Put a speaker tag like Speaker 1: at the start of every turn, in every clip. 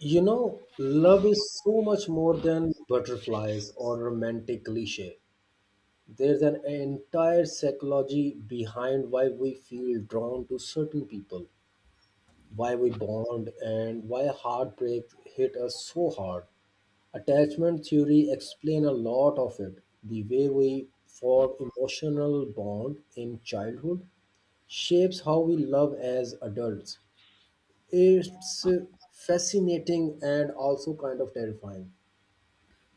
Speaker 1: You know, love is so much more than butterflies or romantic cliche. There's an entire psychology behind why we feel drawn to certain people, why we bond, and why heartbreak hit us so hard. Attachment theory explains a lot of it. The way we form emotional bond in childhood shapes how we love as adults. It's fascinating and also kind of terrifying.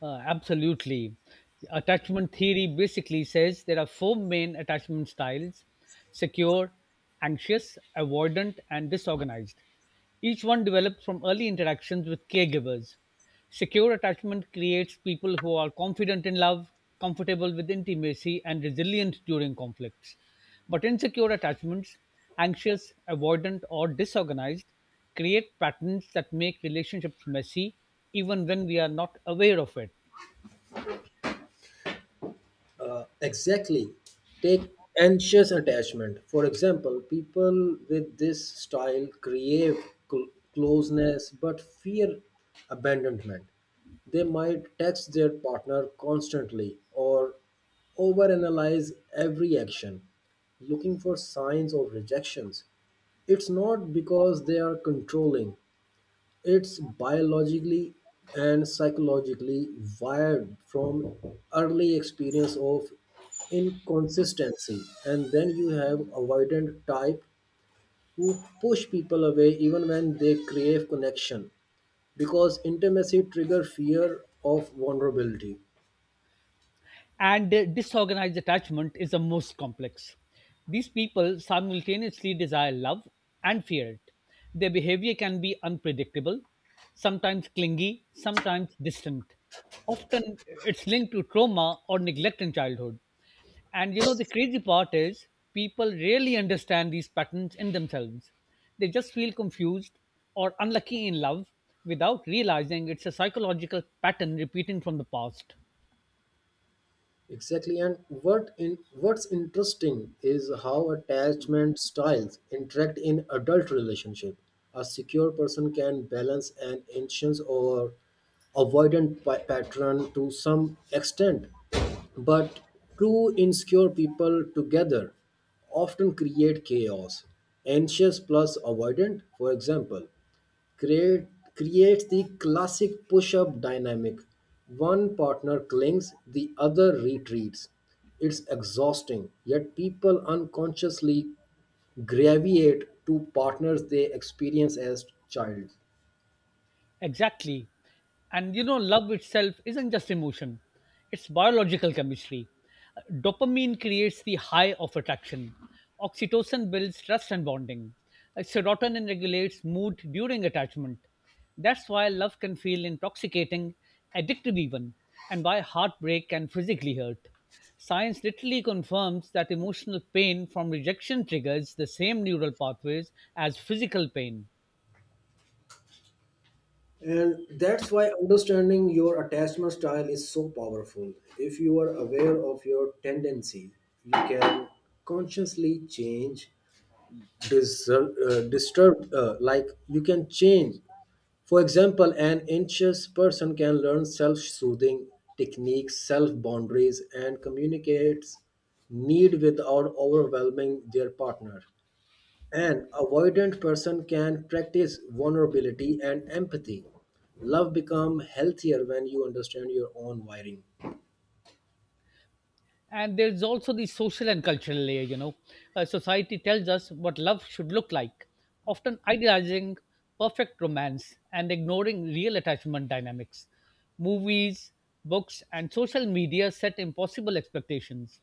Speaker 2: Absolutely. Attachment theory basically says there are four main attachment styles: secure, anxious, avoidant, and disorganized. Each one develops from early interactions with caregivers. Secure attachment creates people who are confident in love, comfortable with intimacy, and resilient during conflicts. But insecure attachments, anxious, avoidant, or disorganized, create patterns that make relationships messy even when we are not aware of it.
Speaker 1: Exactly. Take anxious attachment. For example, people with this style crave cl- closeness but fear abandonment. They might text their partner constantly or overanalyze every action, looking for signs of rejections. It's not because they are controlling, it's biologically and psychologically wired from early experience of inconsistency. And then you have avoidant type who push people away even when they crave connection because intimacy trigger fear of vulnerability.
Speaker 2: And Disorganized attachment is the most complex. These people simultaneously desire love and fear it. Their behavior can be unpredictable, sometimes clingy, sometimes distant. Often it's linked to trauma or neglect in childhood. And you know, the crazy part is people rarely understand these patterns in themselves. They just feel confused or unlucky in love without realizing it's a psychological pattern repeating from the past.
Speaker 1: Exactly, and what's interesting is how attachment styles interact in adult relationship. A secure person can balance an anxious or avoidant pattern to some extent, but two insecure people together often create chaos. Anxious plus avoidant, for example, create, creates the classic push up dynamic. One partner clings, the other retreats. It's exhausting, yet people unconsciously gravitate to partners they experience as child.
Speaker 2: Exactly. And you know, love itself isn't just emotion, it's biological chemistry. Dopamine creates the high of attraction, oxytocin builds trust and bonding, serotonin regulates mood during attachment. That's why love can feel intoxicating, addictive even, and why heartbreak can physically hurt. Science literally confirms that emotional pain from rejection triggers the same neural pathways as physical pain.
Speaker 1: And that's why understanding your attachment style is so powerful. If you are aware of your tendency, you can consciously change dis- disturbed like you can change, for example, an anxious person can learn self-soothing techniques, self-boundaries, and communicates need without overwhelming their partner. An avoidant person can practice vulnerability and empathy. Love become healthier when you understand your own wiring.
Speaker 2: And there's also the social and cultural layer, you know. Society tells us what love should look like, often idealizing perfect romance and ignoring real attachment dynamics. Movies, books, and social media set impossible expectations.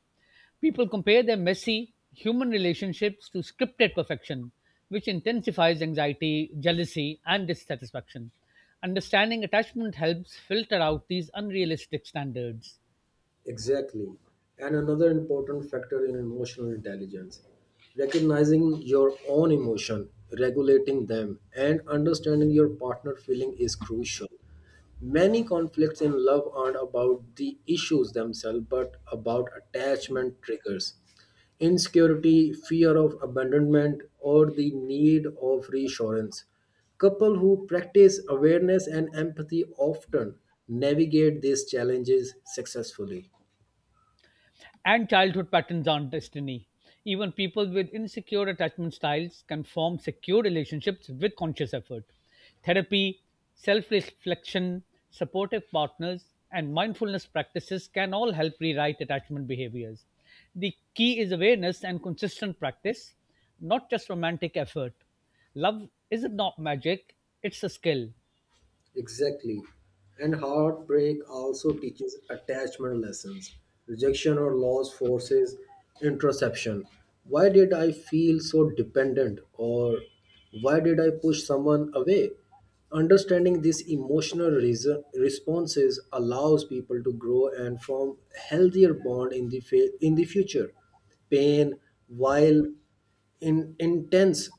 Speaker 2: People compare their messy human relationships to scripted perfection, which intensifies anxiety, jealousy, and dissatisfaction. Understanding attachment helps filter out these unrealistic standards.
Speaker 1: Exactly. And another important factor in emotional intelligence, recognizing your own emotion, regulating them, and understanding your partner feeling is crucial. Many conflicts in love aren't about the issues themselves but about attachment triggers. Insecurity, fear of abandonment, or the need of reassurance. Couple who practice awareness and empathy often navigate these challenges successfully.
Speaker 2: And childhood patterns aren't destiny. Even people with insecure attachment styles can form secure relationships with conscious effort. Therapy, self reflection, supportive partners, and mindfulness practices can all help rewrite attachment behaviors. The key is awareness and consistent practice, not just romantic effort. Love isn't not magic, it's a skill.
Speaker 1: Exactly. And heartbreak also teaches attachment lessons. Rejection or loss forces introspection. Why did I feel so dependent? Or why did I push someone away? Understanding these responses allows people to grow and form healthier bond in in the future. Pain, while intense,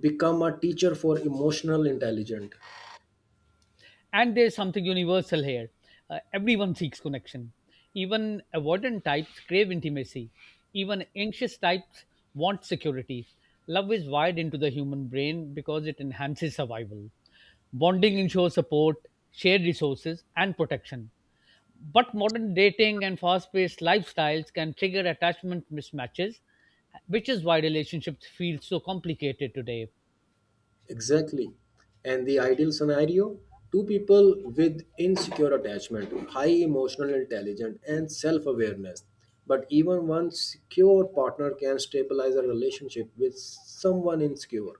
Speaker 1: become a teacher for emotional intelligence.
Speaker 2: And there's something universal here. Everyone seeks connection. Even avoidant types crave intimacy, even anxious types want security. Love is wired into the human brain because it enhances survival. Bonding ensures support, shared resources, and protection. But modern dating and fast-paced lifestyles can trigger attachment mismatches, which is why relationships feel so complicated today.
Speaker 1: Exactly. And the ideal scenario, two people with insecure attachment, high emotional intelligence, and self awareness. But even one secure partner can stabilize a relationship with someone insecure.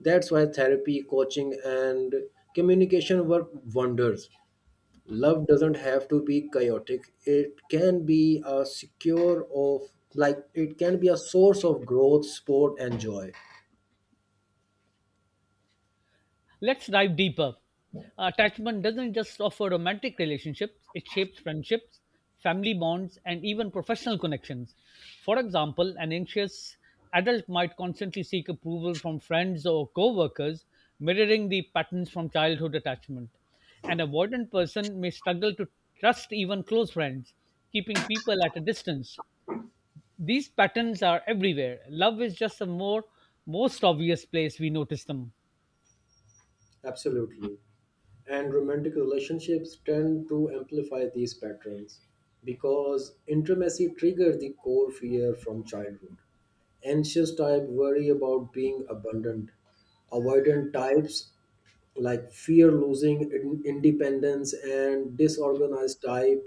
Speaker 1: That's why therapy, coaching, and communication work wonders. Love doesn't have to be chaotic, it can be a secure of like it can be a source of growth, sport, and joy.
Speaker 2: Let's dive deeper. Attachment doesn't just offer romantic relationships, it shapes friendships, family bonds, and even professional connections. For example, an anxious adult might constantly seek approval from friends or co workers, mirroring the patterns from childhood attachment. An avoidant person may struggle to trust even close friends, keeping people at a distance. These patterns are everywhere. Love is just a more most obvious place we notice them.
Speaker 1: Absolutely. And romantic relationships tend to amplify these patterns because intimacy triggers the core fear from childhood. Anxious type worry about being abandoned. Avoidant types like fear losing independence, and disorganized type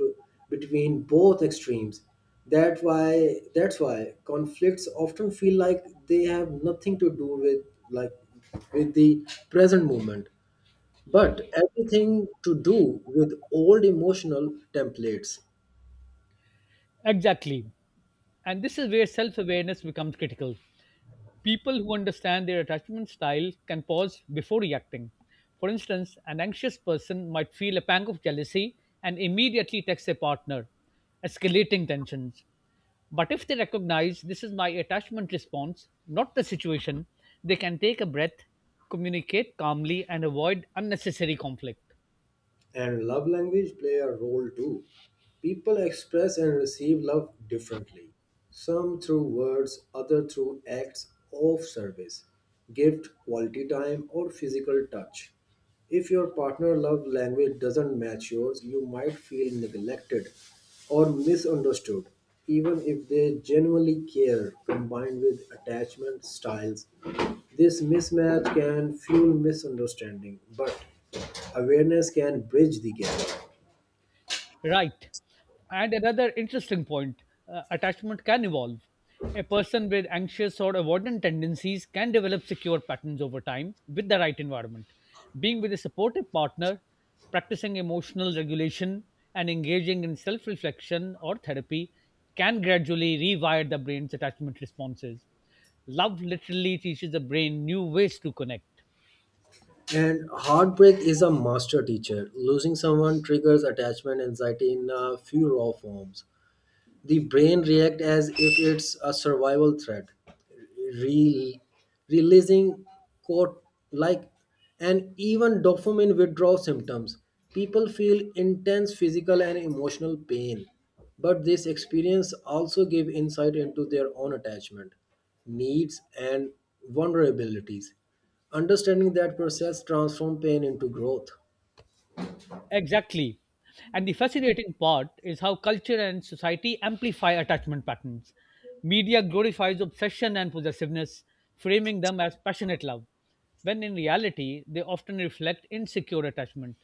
Speaker 1: between both extremes. That's why conflicts often feel like they have nothing to do with, like, with the present moment, but everything to do with old emotional templates.
Speaker 2: Exactly. And this is where self awareness becomes critical. People who understand their attachment style can pause before reacting. For instance, an anxious person might feel a pang of jealousy and immediately text their partner, escalating tensions. But if they recognize this is my attachment response, not the situation, they can take a breath, communicate calmly, and avoid unnecessary conflict.
Speaker 1: And love language play a role too. People express and receive love differently. Some through words, other through acts of service, gift, quality time, or physical touch. If your partner love language doesn't match yours, you might feel neglected or misunderstood. Even if they genuinely care, combined with attachment styles, this mismatch can fuel misunderstanding, but awareness can bridge the gap.
Speaker 2: Right. And another interesting point: attachment can evolve. A person with anxious or avoidant tendencies can develop secure patterns over time with the right environment. Being with a supportive partner, practicing emotional regulation, and engaging in self reflection or therapy can gradually rewire the brain's attachment responses. Love literally teaches the brain new ways to connect.
Speaker 1: And heartbreak is a master teacher. Losing someone triggers attachment anxiety in a few raw forms. The brain reacts as if it's a survival threat, Re- releasing quote like and even dopamine withdrawal symptoms. People feel intense physical and emotional pain, but this experience also give insight into their own attachment needs and vulnerabilities. Understanding that process transforms pain into growth.
Speaker 2: Exactly. And the fascinating part is how culture and society amplify attachment patterns. Media glorifies obsession and possessiveness, framing them as passionate love, when in reality, they often reflect insecure attachment.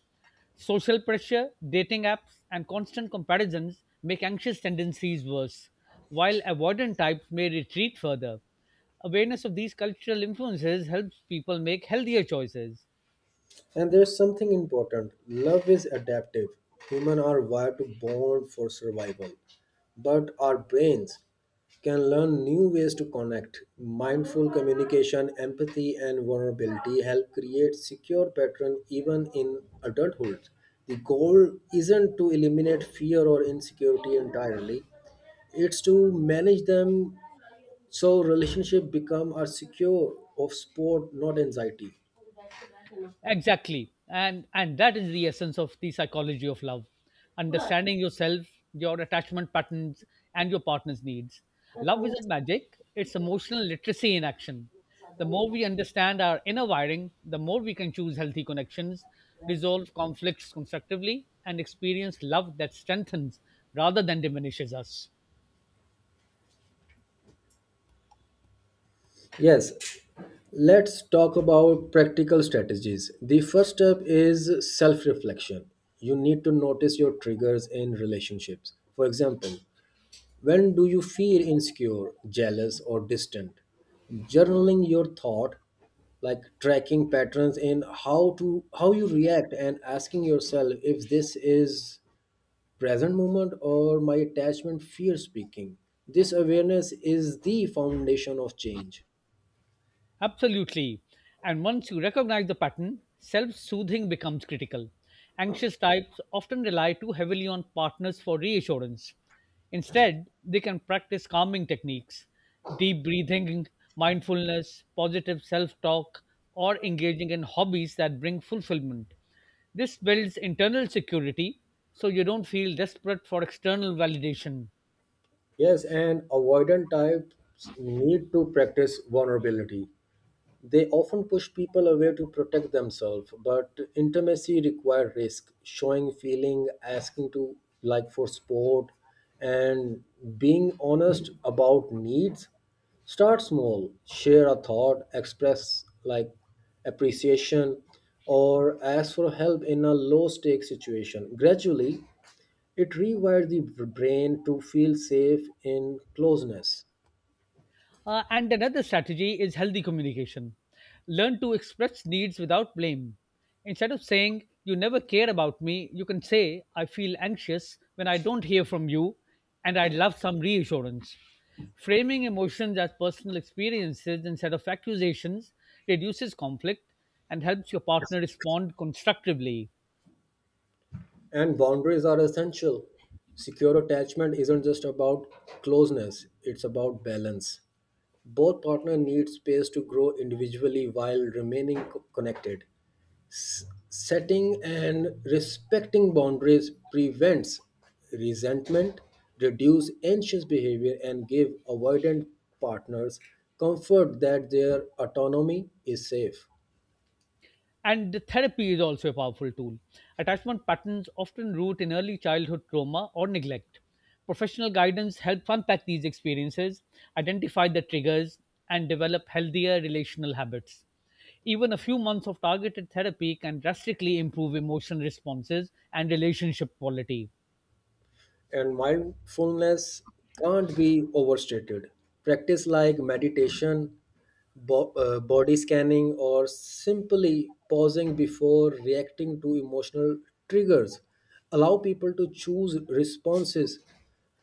Speaker 2: Social pressure, dating apps, and constant comparisons make anxious tendencies worse, while avoidant types may retreat further. Awareness of these cultural influences helps people make healthier choices.
Speaker 1: And there's something important, love is adaptive. Humans are wired to bond for survival, but our brains can learn new ways to connect. Mindful communication, empathy, and vulnerability help create secure patterns even in adulthood. The goal isn't to eliminate fear or insecurity entirely, it's to manage them so relationship become a secure of sport, not anxiety.
Speaker 2: Exactly. And that is the essence of the psychology of love. Understanding yourself, your attachment patterns, and your partner's needs. Love isn't magic, it's emotional literacy in action. The more we understand our inner wiring, the more we can choose healthy connections, resolve conflicts constructively, and experience love that strengthens rather than diminishes us.
Speaker 1: Yes. Let's talk about practical strategies. The first step is self reflection. You need to notice your triggers in relationships. For example, when do you feel insecure, jealous, or distant? Journaling your thought, like tracking patterns in how you react and asking yourself if this is present moment or my attachment fear speaking. This awareness is the foundation of change.
Speaker 2: Absolutely. And once you recognize the pattern, self soothing becomes critical. Anxious types often rely too heavily on partners for reassurance. Instead, they can practice calming techniques, deep breathing, mindfulness, positive self talk, or engaging in hobbies that bring fulfillment. This builds internal security so you don't feel desperate for external validation.
Speaker 1: Yes, and avoidant types need to practice vulnerability. They often push people away to protect themselves, but intimacy requires risk, showing feeling, asking to like for support, and being honest about needs. Start small, share a thought, express like appreciation, or ask for help in a low stake situation. Gradually, it rewires the brain to feel safe in closeness.
Speaker 2: And another strategy is healthy communication. Learn to express needs without blame. Instead of saying, "You never care about me," you can say, "I feel anxious when I don't hear from you and I'd love some reassurance." Framing emotions as personal experiences instead of accusations reduces conflict and helps your partner respond constructively.
Speaker 1: And boundaries are essential. Secure attachment isn't just about closeness, it's about balance. Both partners need space to grow individually while remaining connected. Setting and respecting boundaries prevents resentment, reduce anxious behavior, and give avoidant partners comfort that their autonomy is safe.
Speaker 2: And the therapy is also a powerful tool. Attachment patterns often root in early childhood trauma or neglect. Professional guidance helps unpack these experiences, identify the triggers, and develop healthier relational habits. Even a few months of targeted therapy can drastically improve emotional responses and relationship quality.
Speaker 1: And mindfulness can't be overstated. Practice like meditation, body scanning, or simply pausing before reacting to emotional triggers allow people to choose responses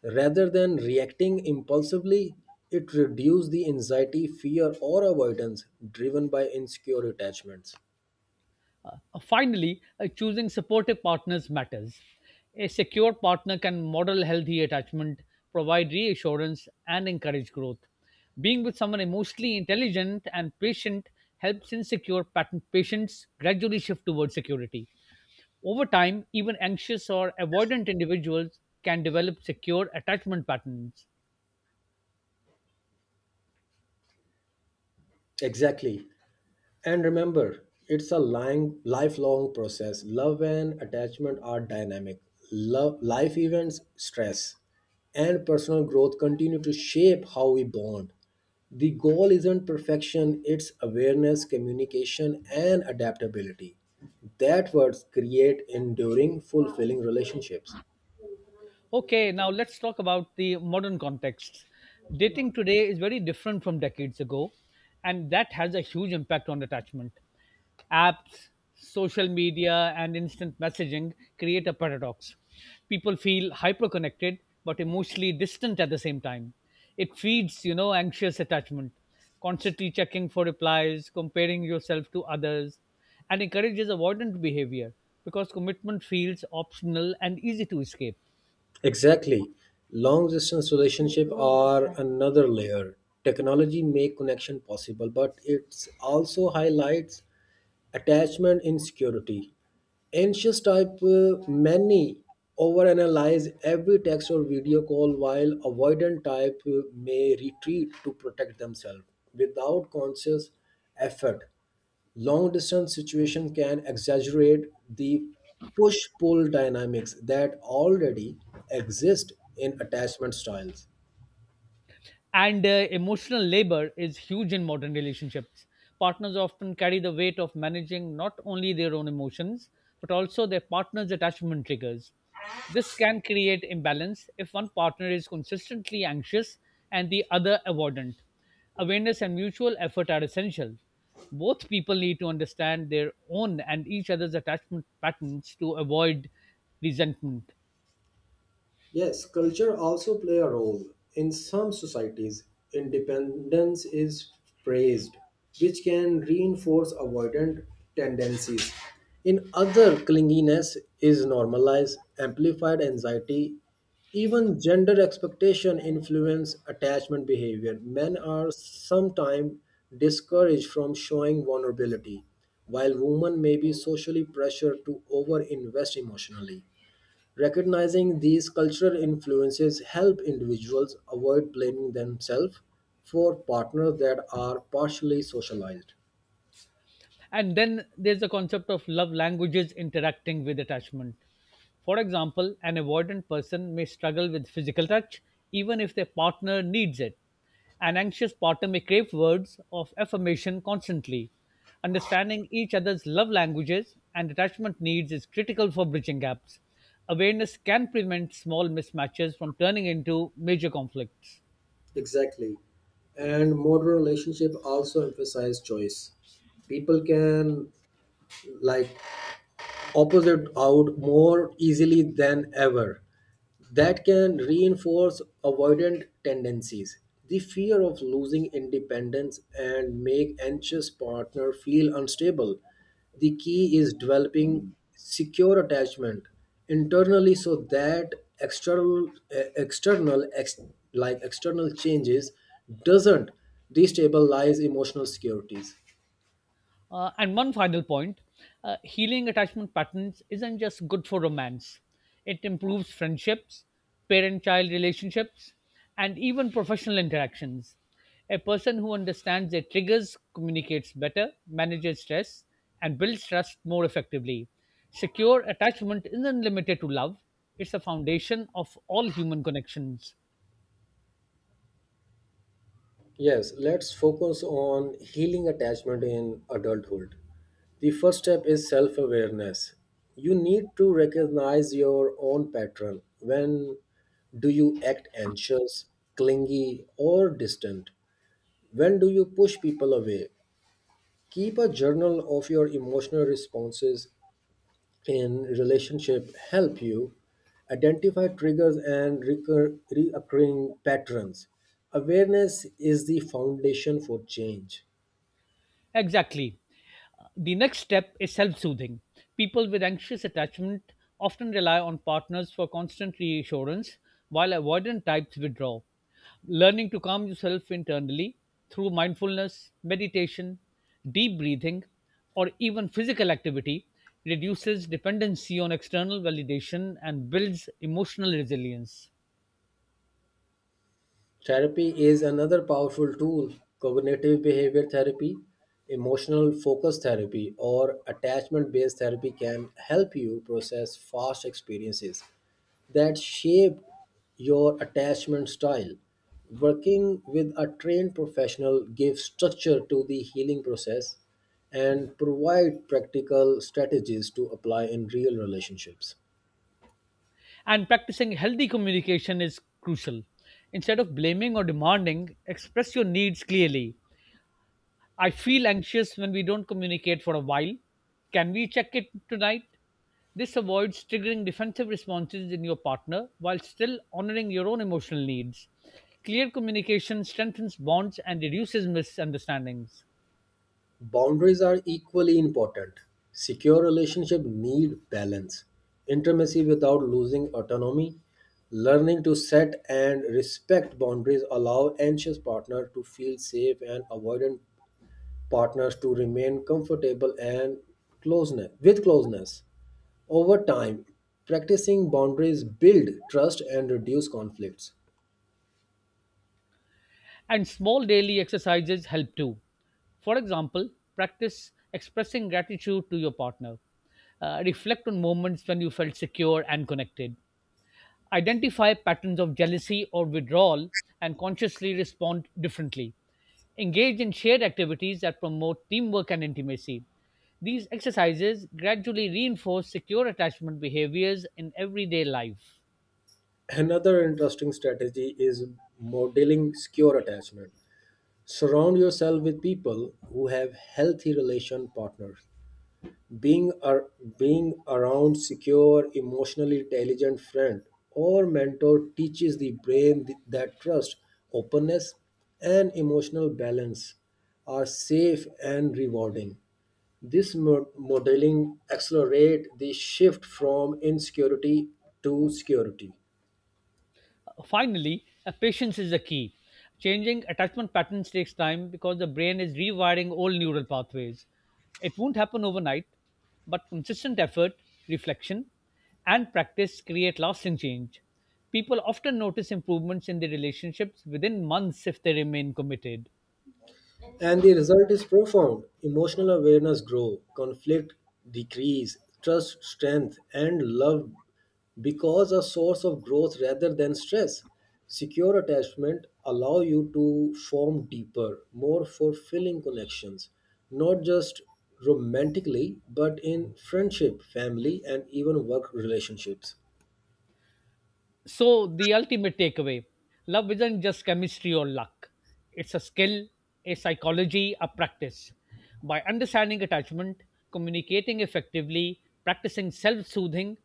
Speaker 1: rather than reacting impulsively. It reduces the anxiety, fear, or avoidance driven by insecure attachments.
Speaker 2: Finally, choosing supportive partners matters. A secure partner can model healthy attachment, provide reassurance, and encourage growth. Being with someone emotionally intelligent and patient helps insecure patients gradually shift towards security. Over time, even anxious or avoidant individuals can develop secure attachment patterns.
Speaker 1: Exactly. And remember, it's a lying, lifelong process. Love and attachment are dynamic. Love, life events, stress, and personal growth continue to shape how we bond. The goal isn't perfection, it's awareness, communication, and adaptability. That words create enduring, fulfilling relationships.
Speaker 2: Okay, now let's talk about the modern context. Dating today is very different from decades ago, and that has a huge impact on attachment. Apps, social media, and instant messaging create a paradox. People feel hyper connected but emotionally distant at the same time. It feeds, you know, anxious attachment, constantly checking for replies, comparing yourself to others, and encourages avoidant behavior because commitment feels optional and easy to escape.
Speaker 1: Exactly. Long distance relationships are another layer. Technology make connection possible, but it also highlights attachment insecurity. Anxious type many overanalyze every text or video call, while avoidant type may retreat to protect themselves without conscious effort. Long distance situation can exaggerate the push pull dynamics that already exist in attachment styles.
Speaker 2: And emotional labor is huge in modern relationships. Partners often carry the weight of managing not only their own emotions, but also their partner's attachment triggers. This can create imbalance if one partner is consistently anxious and the other avoidant. Awareness and mutual effort are essential. Both people need to understand their own and each other's attachment patterns to avoid resentment.
Speaker 1: Yes, culture also play a role. In some societies, independence is praised, which can reinforce avoidant tendencies. In other, clinginess is normalized, amplified anxiety. Even gender expectation influence attachment behavior. Men are sometimes discouraged from showing vulnerability, while women may be socially pressured to overinvest emotionally. Recognizing these cultural influences help individuals avoid blaming themselves for partners that are partially socialized.
Speaker 2: And then there's the concept of love languages interacting with attachment. For example, an avoidant person may struggle with physical touch even if their partner needs it. An anxious partner may crave words of affirmation constantly. Understanding each other's love languages and attachment needs is critical for bridging gaps. Awareness can prevent small mismatches from turning into major conflicts.
Speaker 1: Exactly. And modern relationship also emphasize choice. People can, like, opposite out more easily than ever. That can reinforce avoidant tendencies. The fear of losing independence and make anxious partner feel unstable. The key is developing secure attachment internally so that external eh, external ex, like external changes doesn't destabilize emotional securities.
Speaker 2: And one final point: healing attachment patterns isn't just good for romance, it improves friendships, parent child relationships, and even professional interactions. A person who understands their triggers communicates better, manages stress, and builds trust more effectively. Secure attachment isn't limited to love, it's a foundation of all human connections.
Speaker 1: Yes, let's focus on healing attachment in adulthood. The first step is self awareness. You need to recognize your own pattern. When do you act anxious, clingy, or distant? When do you push people away? Keep a journal of your emotional responses in relationship help you identify triggers and reoccurring patterns. Awareness is the foundation for change.
Speaker 2: Exactly. The next step is self soothing. People with anxious attachment often rely on partners for constant reassurance, while avoidant types withdraw. Learning to calm yourself internally through mindfulness, meditation, deep breathing, or even physical activity reduces dependency on external validation and builds emotional resilience.
Speaker 1: Therapy is another powerful tool. Cognitive behavior therapy, emotional focus therapy, or attachment based therapy can help you process past experiences that shape your attachment style. Working with a trained professional gives structure to the healing process and provide practical strategies to apply in real relationships.
Speaker 2: And practicing healthy communication is crucial. Instead of blaming or demanding, express your needs clearly: "I feel anxious when we don't communicate for a while. Can we check it tonight?" This avoids triggering defensive responses in your partner while still honoring your own emotional needs. Clear communication strengthens bonds and reduces misunderstandings.
Speaker 1: Boundaries are equally important. Secure relationships need balance, intimacy without losing autonomy. Learning to set and respect boundaries allow anxious partners to feel safe and avoidant partners to remain comfortable and closeness. Over time, practicing boundaries build trust and reduce conflicts.
Speaker 2: And small daily exercises help too. For example, practice expressing gratitude to your partner. Reflect on moments when you felt secure and connected. Identify patterns of jealousy or withdrawal and consciously respond differently. Engage in shared activities that promote teamwork and intimacy. These exercises gradually reinforce secure attachment behaviors in everyday life.
Speaker 1: Another interesting strategy is modeling secure attachment. Surround yourself with people who have healthy relation partners. Being, ar- Being around secure, emotionally intelligent friend or mentor teaches the brain that trust, openness, and emotional balance are safe and rewarding. This modeling accelerate the shift from insecurity to security.
Speaker 2: Finally, patience is the key. Changing attachment patterns takes time because the brain is rewiring old neural pathways. It won't happen overnight, but consistent effort, reflection, and practice create lasting change. People often notice improvements in their relationships within months if they remain committed.
Speaker 1: And the result is profound. Emotional awareness grow, conflict decrease, trust strength, and love because a source of growth rather than stress. Secure attachment allow you to form deeper, more fulfilling connections, not just romantically, but in friendship, family, and even work relationships.
Speaker 2: So, the ultimate takeaway: love isn't just chemistry or luck, it's a skill, a psychology, a practice. By understanding attachment, communicating effectively, practicing self soothing,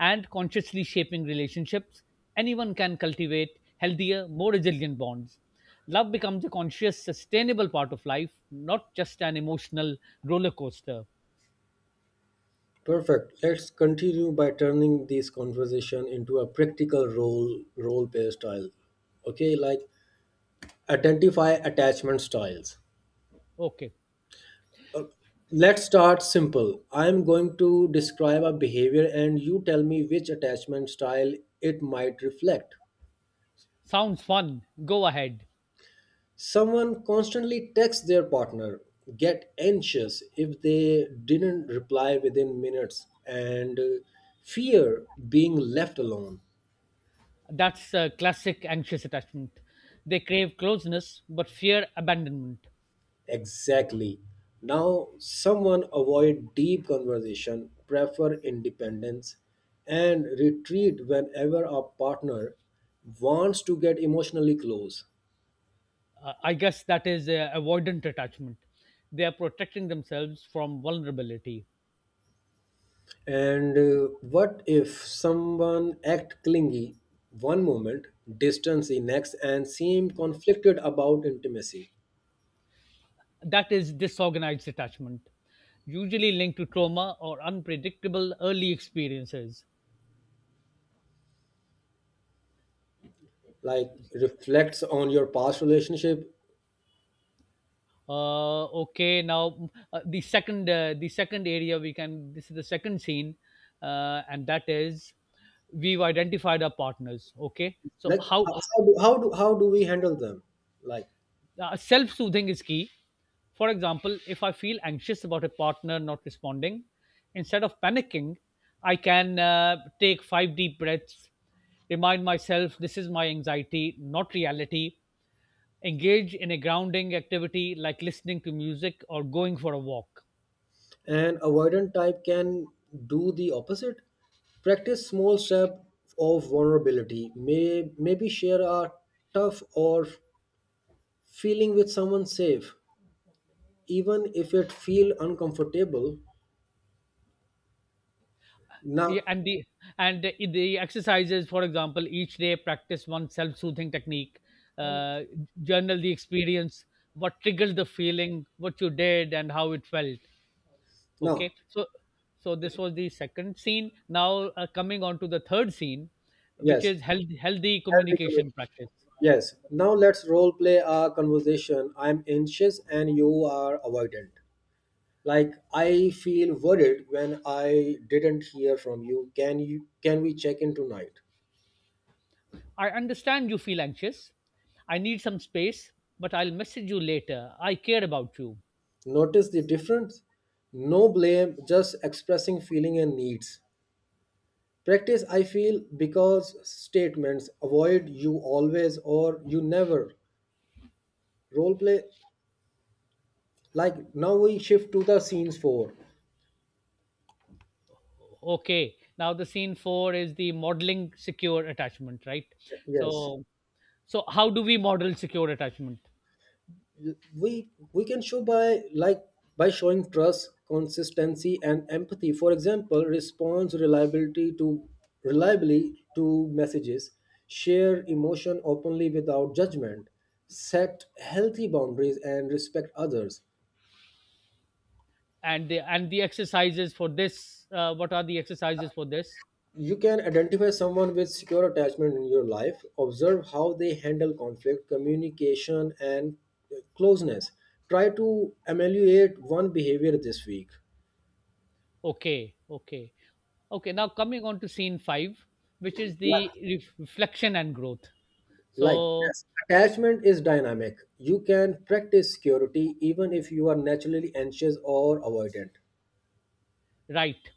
Speaker 2: and consciously shaping relationships, anyone can cultivate healthier, more resilient bonds. Love becomes a conscious, sustainable part of life, not just an emotional roller coaster.
Speaker 1: Perfect. Let's continue by turning this conversation into a practical role play style. Okay, like identify attachment styles.
Speaker 2: Okay,
Speaker 1: Let's start simple. I'm going to describe a behavior and you tell me which attachment style it might reflect.
Speaker 2: sounds fun. Go ahead.
Speaker 1: Someone constantly texts their partner, get anxious if they didn't reply within minutes, and fear being left alone.
Speaker 2: That's a classic anxious attachment. They crave closeness but fear abandonment.
Speaker 1: Exactly. Now, someone avoid deep conversation, prefer independence, and retreat whenever a partner wants to get emotionally close.
Speaker 2: I guess that is avoidant attachment. They are protecting themselves from vulnerability.
Speaker 1: And what if someone act clingy one moment, distance the next, and seem conflicted about intimacy?
Speaker 2: That is disorganized attachment, usually linked to trauma or unpredictable early experiences.
Speaker 1: Like reflects on your past relationship.
Speaker 2: Okay, now the second area we can, this is the second scene, and that is we've identified our partners. Okay, so
Speaker 1: Like
Speaker 2: how?
Speaker 1: how how do we handle them? Like.
Speaker 2: Self soothing is key. For example, if I feel anxious about a partner not responding, instead of panicking, I can take 5 deep breaths, remind myself this is my anxiety, not reality, engage in a grounding activity like listening to music or going for a walk.
Speaker 1: An avoidant type can do the opposite. Practice small step of vulnerability. Maybe share a tough or feeling with someone safe, even if it feel uncomfortable.
Speaker 2: Yeah,
Speaker 1: Now,
Speaker 2: and the exercises, for example, each day practice one self-soothing technique, uh, journal the experience, what triggered the feeling, what you did, and how it felt. Okay,
Speaker 1: now,
Speaker 2: so so this was the second scene. Now coming on to the third scene, which
Speaker 1: yes,
Speaker 2: is healthy
Speaker 1: healthy commu-
Speaker 2: communication practice.
Speaker 1: yes. Now let's role play a conversation. I'm anxious and you are avoidant. Like I feel worried when I didn't hear from you. Can we check in tonight?
Speaker 2: I understand you feel anxious. I need some space, but I'll message you later. I care about you.
Speaker 1: Notice the difference? No blame, just expressing feeling and needs. Practice I feel because statements avoid you always or you never. Role play like now we shift to the scenes four.
Speaker 2: Okay, now the scene 4 is the modeling secure attachment, right?
Speaker 1: Yes.
Speaker 2: So so how do we model secure attachment?
Speaker 1: We can show by like by showing trust consistency and empathy, for example response reliability to reliably to messages, share emotion openly without judgment, set healthy boundaries and respect others.
Speaker 2: And the exercises for this, what are the exercises for this?
Speaker 1: You can identify someone with secure attachment in your life, observe how they handle conflict communication and closeness, try to ameliorate one behavior this week.
Speaker 2: Okay, okay, okay. Now coming on to scene 5, which is the reflection and growth.
Speaker 1: Like
Speaker 2: So,
Speaker 1: yes, attachment is dynamic. You can practice security even if you are naturally anxious or avoidant.
Speaker 2: right,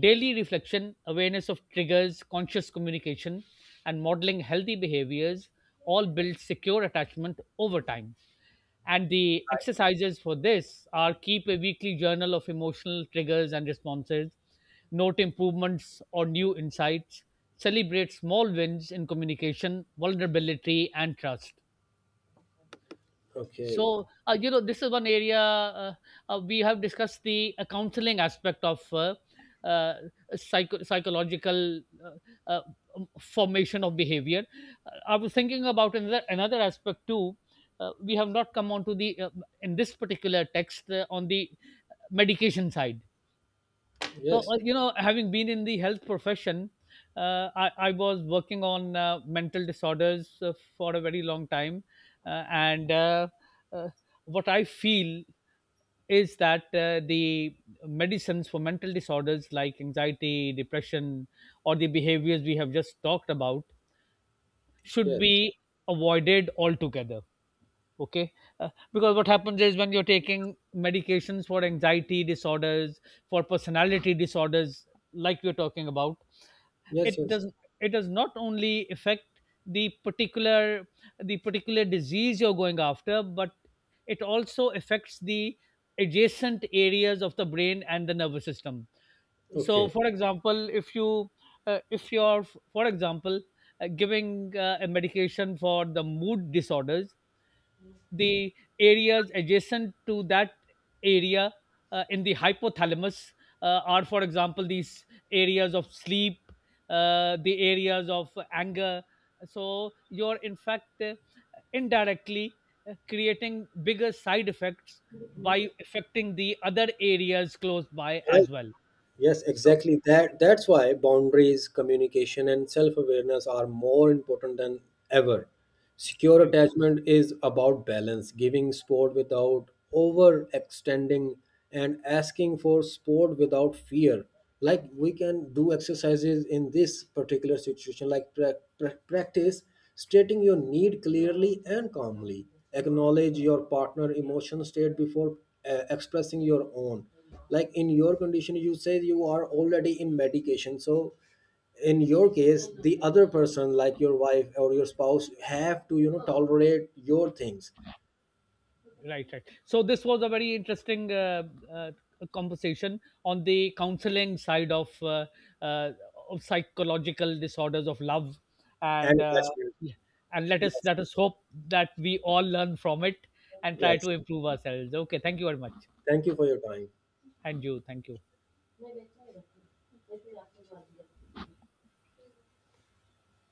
Speaker 2: daily reflection, awareness of triggers, conscious communication, and modeling healthy behaviors all build secure attachment over time. And the exercises for this are: keep a weekly journal of emotional triggers and responses, note improvements or new insights, celebrate small wins in communication, vulnerability, and trust.
Speaker 1: Okay.
Speaker 2: So you know, this is one area. We have discussed the counseling aspect of uh, psychological uh, formation of behavior. I was thinking about another aspect too. We have not come on to the, in this particular text, on the medication side. So,
Speaker 1: Yes.
Speaker 2: you know, having been in the health profession, I was working on mental disorders for a very long time. And uh, what I feel is that the medicines for mental disorders like anxiety, depression, or the behaviors we have just talked about should
Speaker 1: Yes.
Speaker 2: be avoided altogether. Okay. Because what happens is when you're taking medications for anxiety disorders, for personality disorders like we're talking about,
Speaker 1: Yes.
Speaker 2: it
Speaker 1: Yes.
Speaker 2: does, it does not only affect the particular the particular disease you're going after, but it also affects the adjacent areas of the brain and the nervous system. So
Speaker 1: Okay.
Speaker 2: for example, if you if you're for example giving a medication for the mood disorders, the areas adjacent to that area, in the hypothalamus, are, for example, these areas of sleep, the areas of anger. So you're, in fact, indirectly, creating bigger side effects by affecting the other areas close by
Speaker 1: Right.
Speaker 2: as well.
Speaker 1: Yes,
Speaker 2: So,
Speaker 1: exactly. That's why boundaries, communication, and self-awareness are more important than ever. Secure
Speaker 2: right.
Speaker 1: attachment is about balance, giving support without overextending and asking for support without fear. Like we can do exercises in this particular situation, like practice stating your need clearly and calmly. Acknowledge your partner emotional state before expressing your own, like in your condition you say you are already in medication, so in your case the other person like your wife or your spouse have to, you know, tolerate your things
Speaker 2: Right, right. So this was a very interesting uh, conversation on the counseling side uh, of psychological disorders of love,
Speaker 1: and
Speaker 2: and
Speaker 1: attachment.
Speaker 2: yeah. and let us
Speaker 1: Yes.
Speaker 2: let us hope that we all learn from it and try
Speaker 1: Yes,
Speaker 2: to improve ourselves. Okay, thank you very much,
Speaker 1: thank you for your time.
Speaker 2: and you, thank you.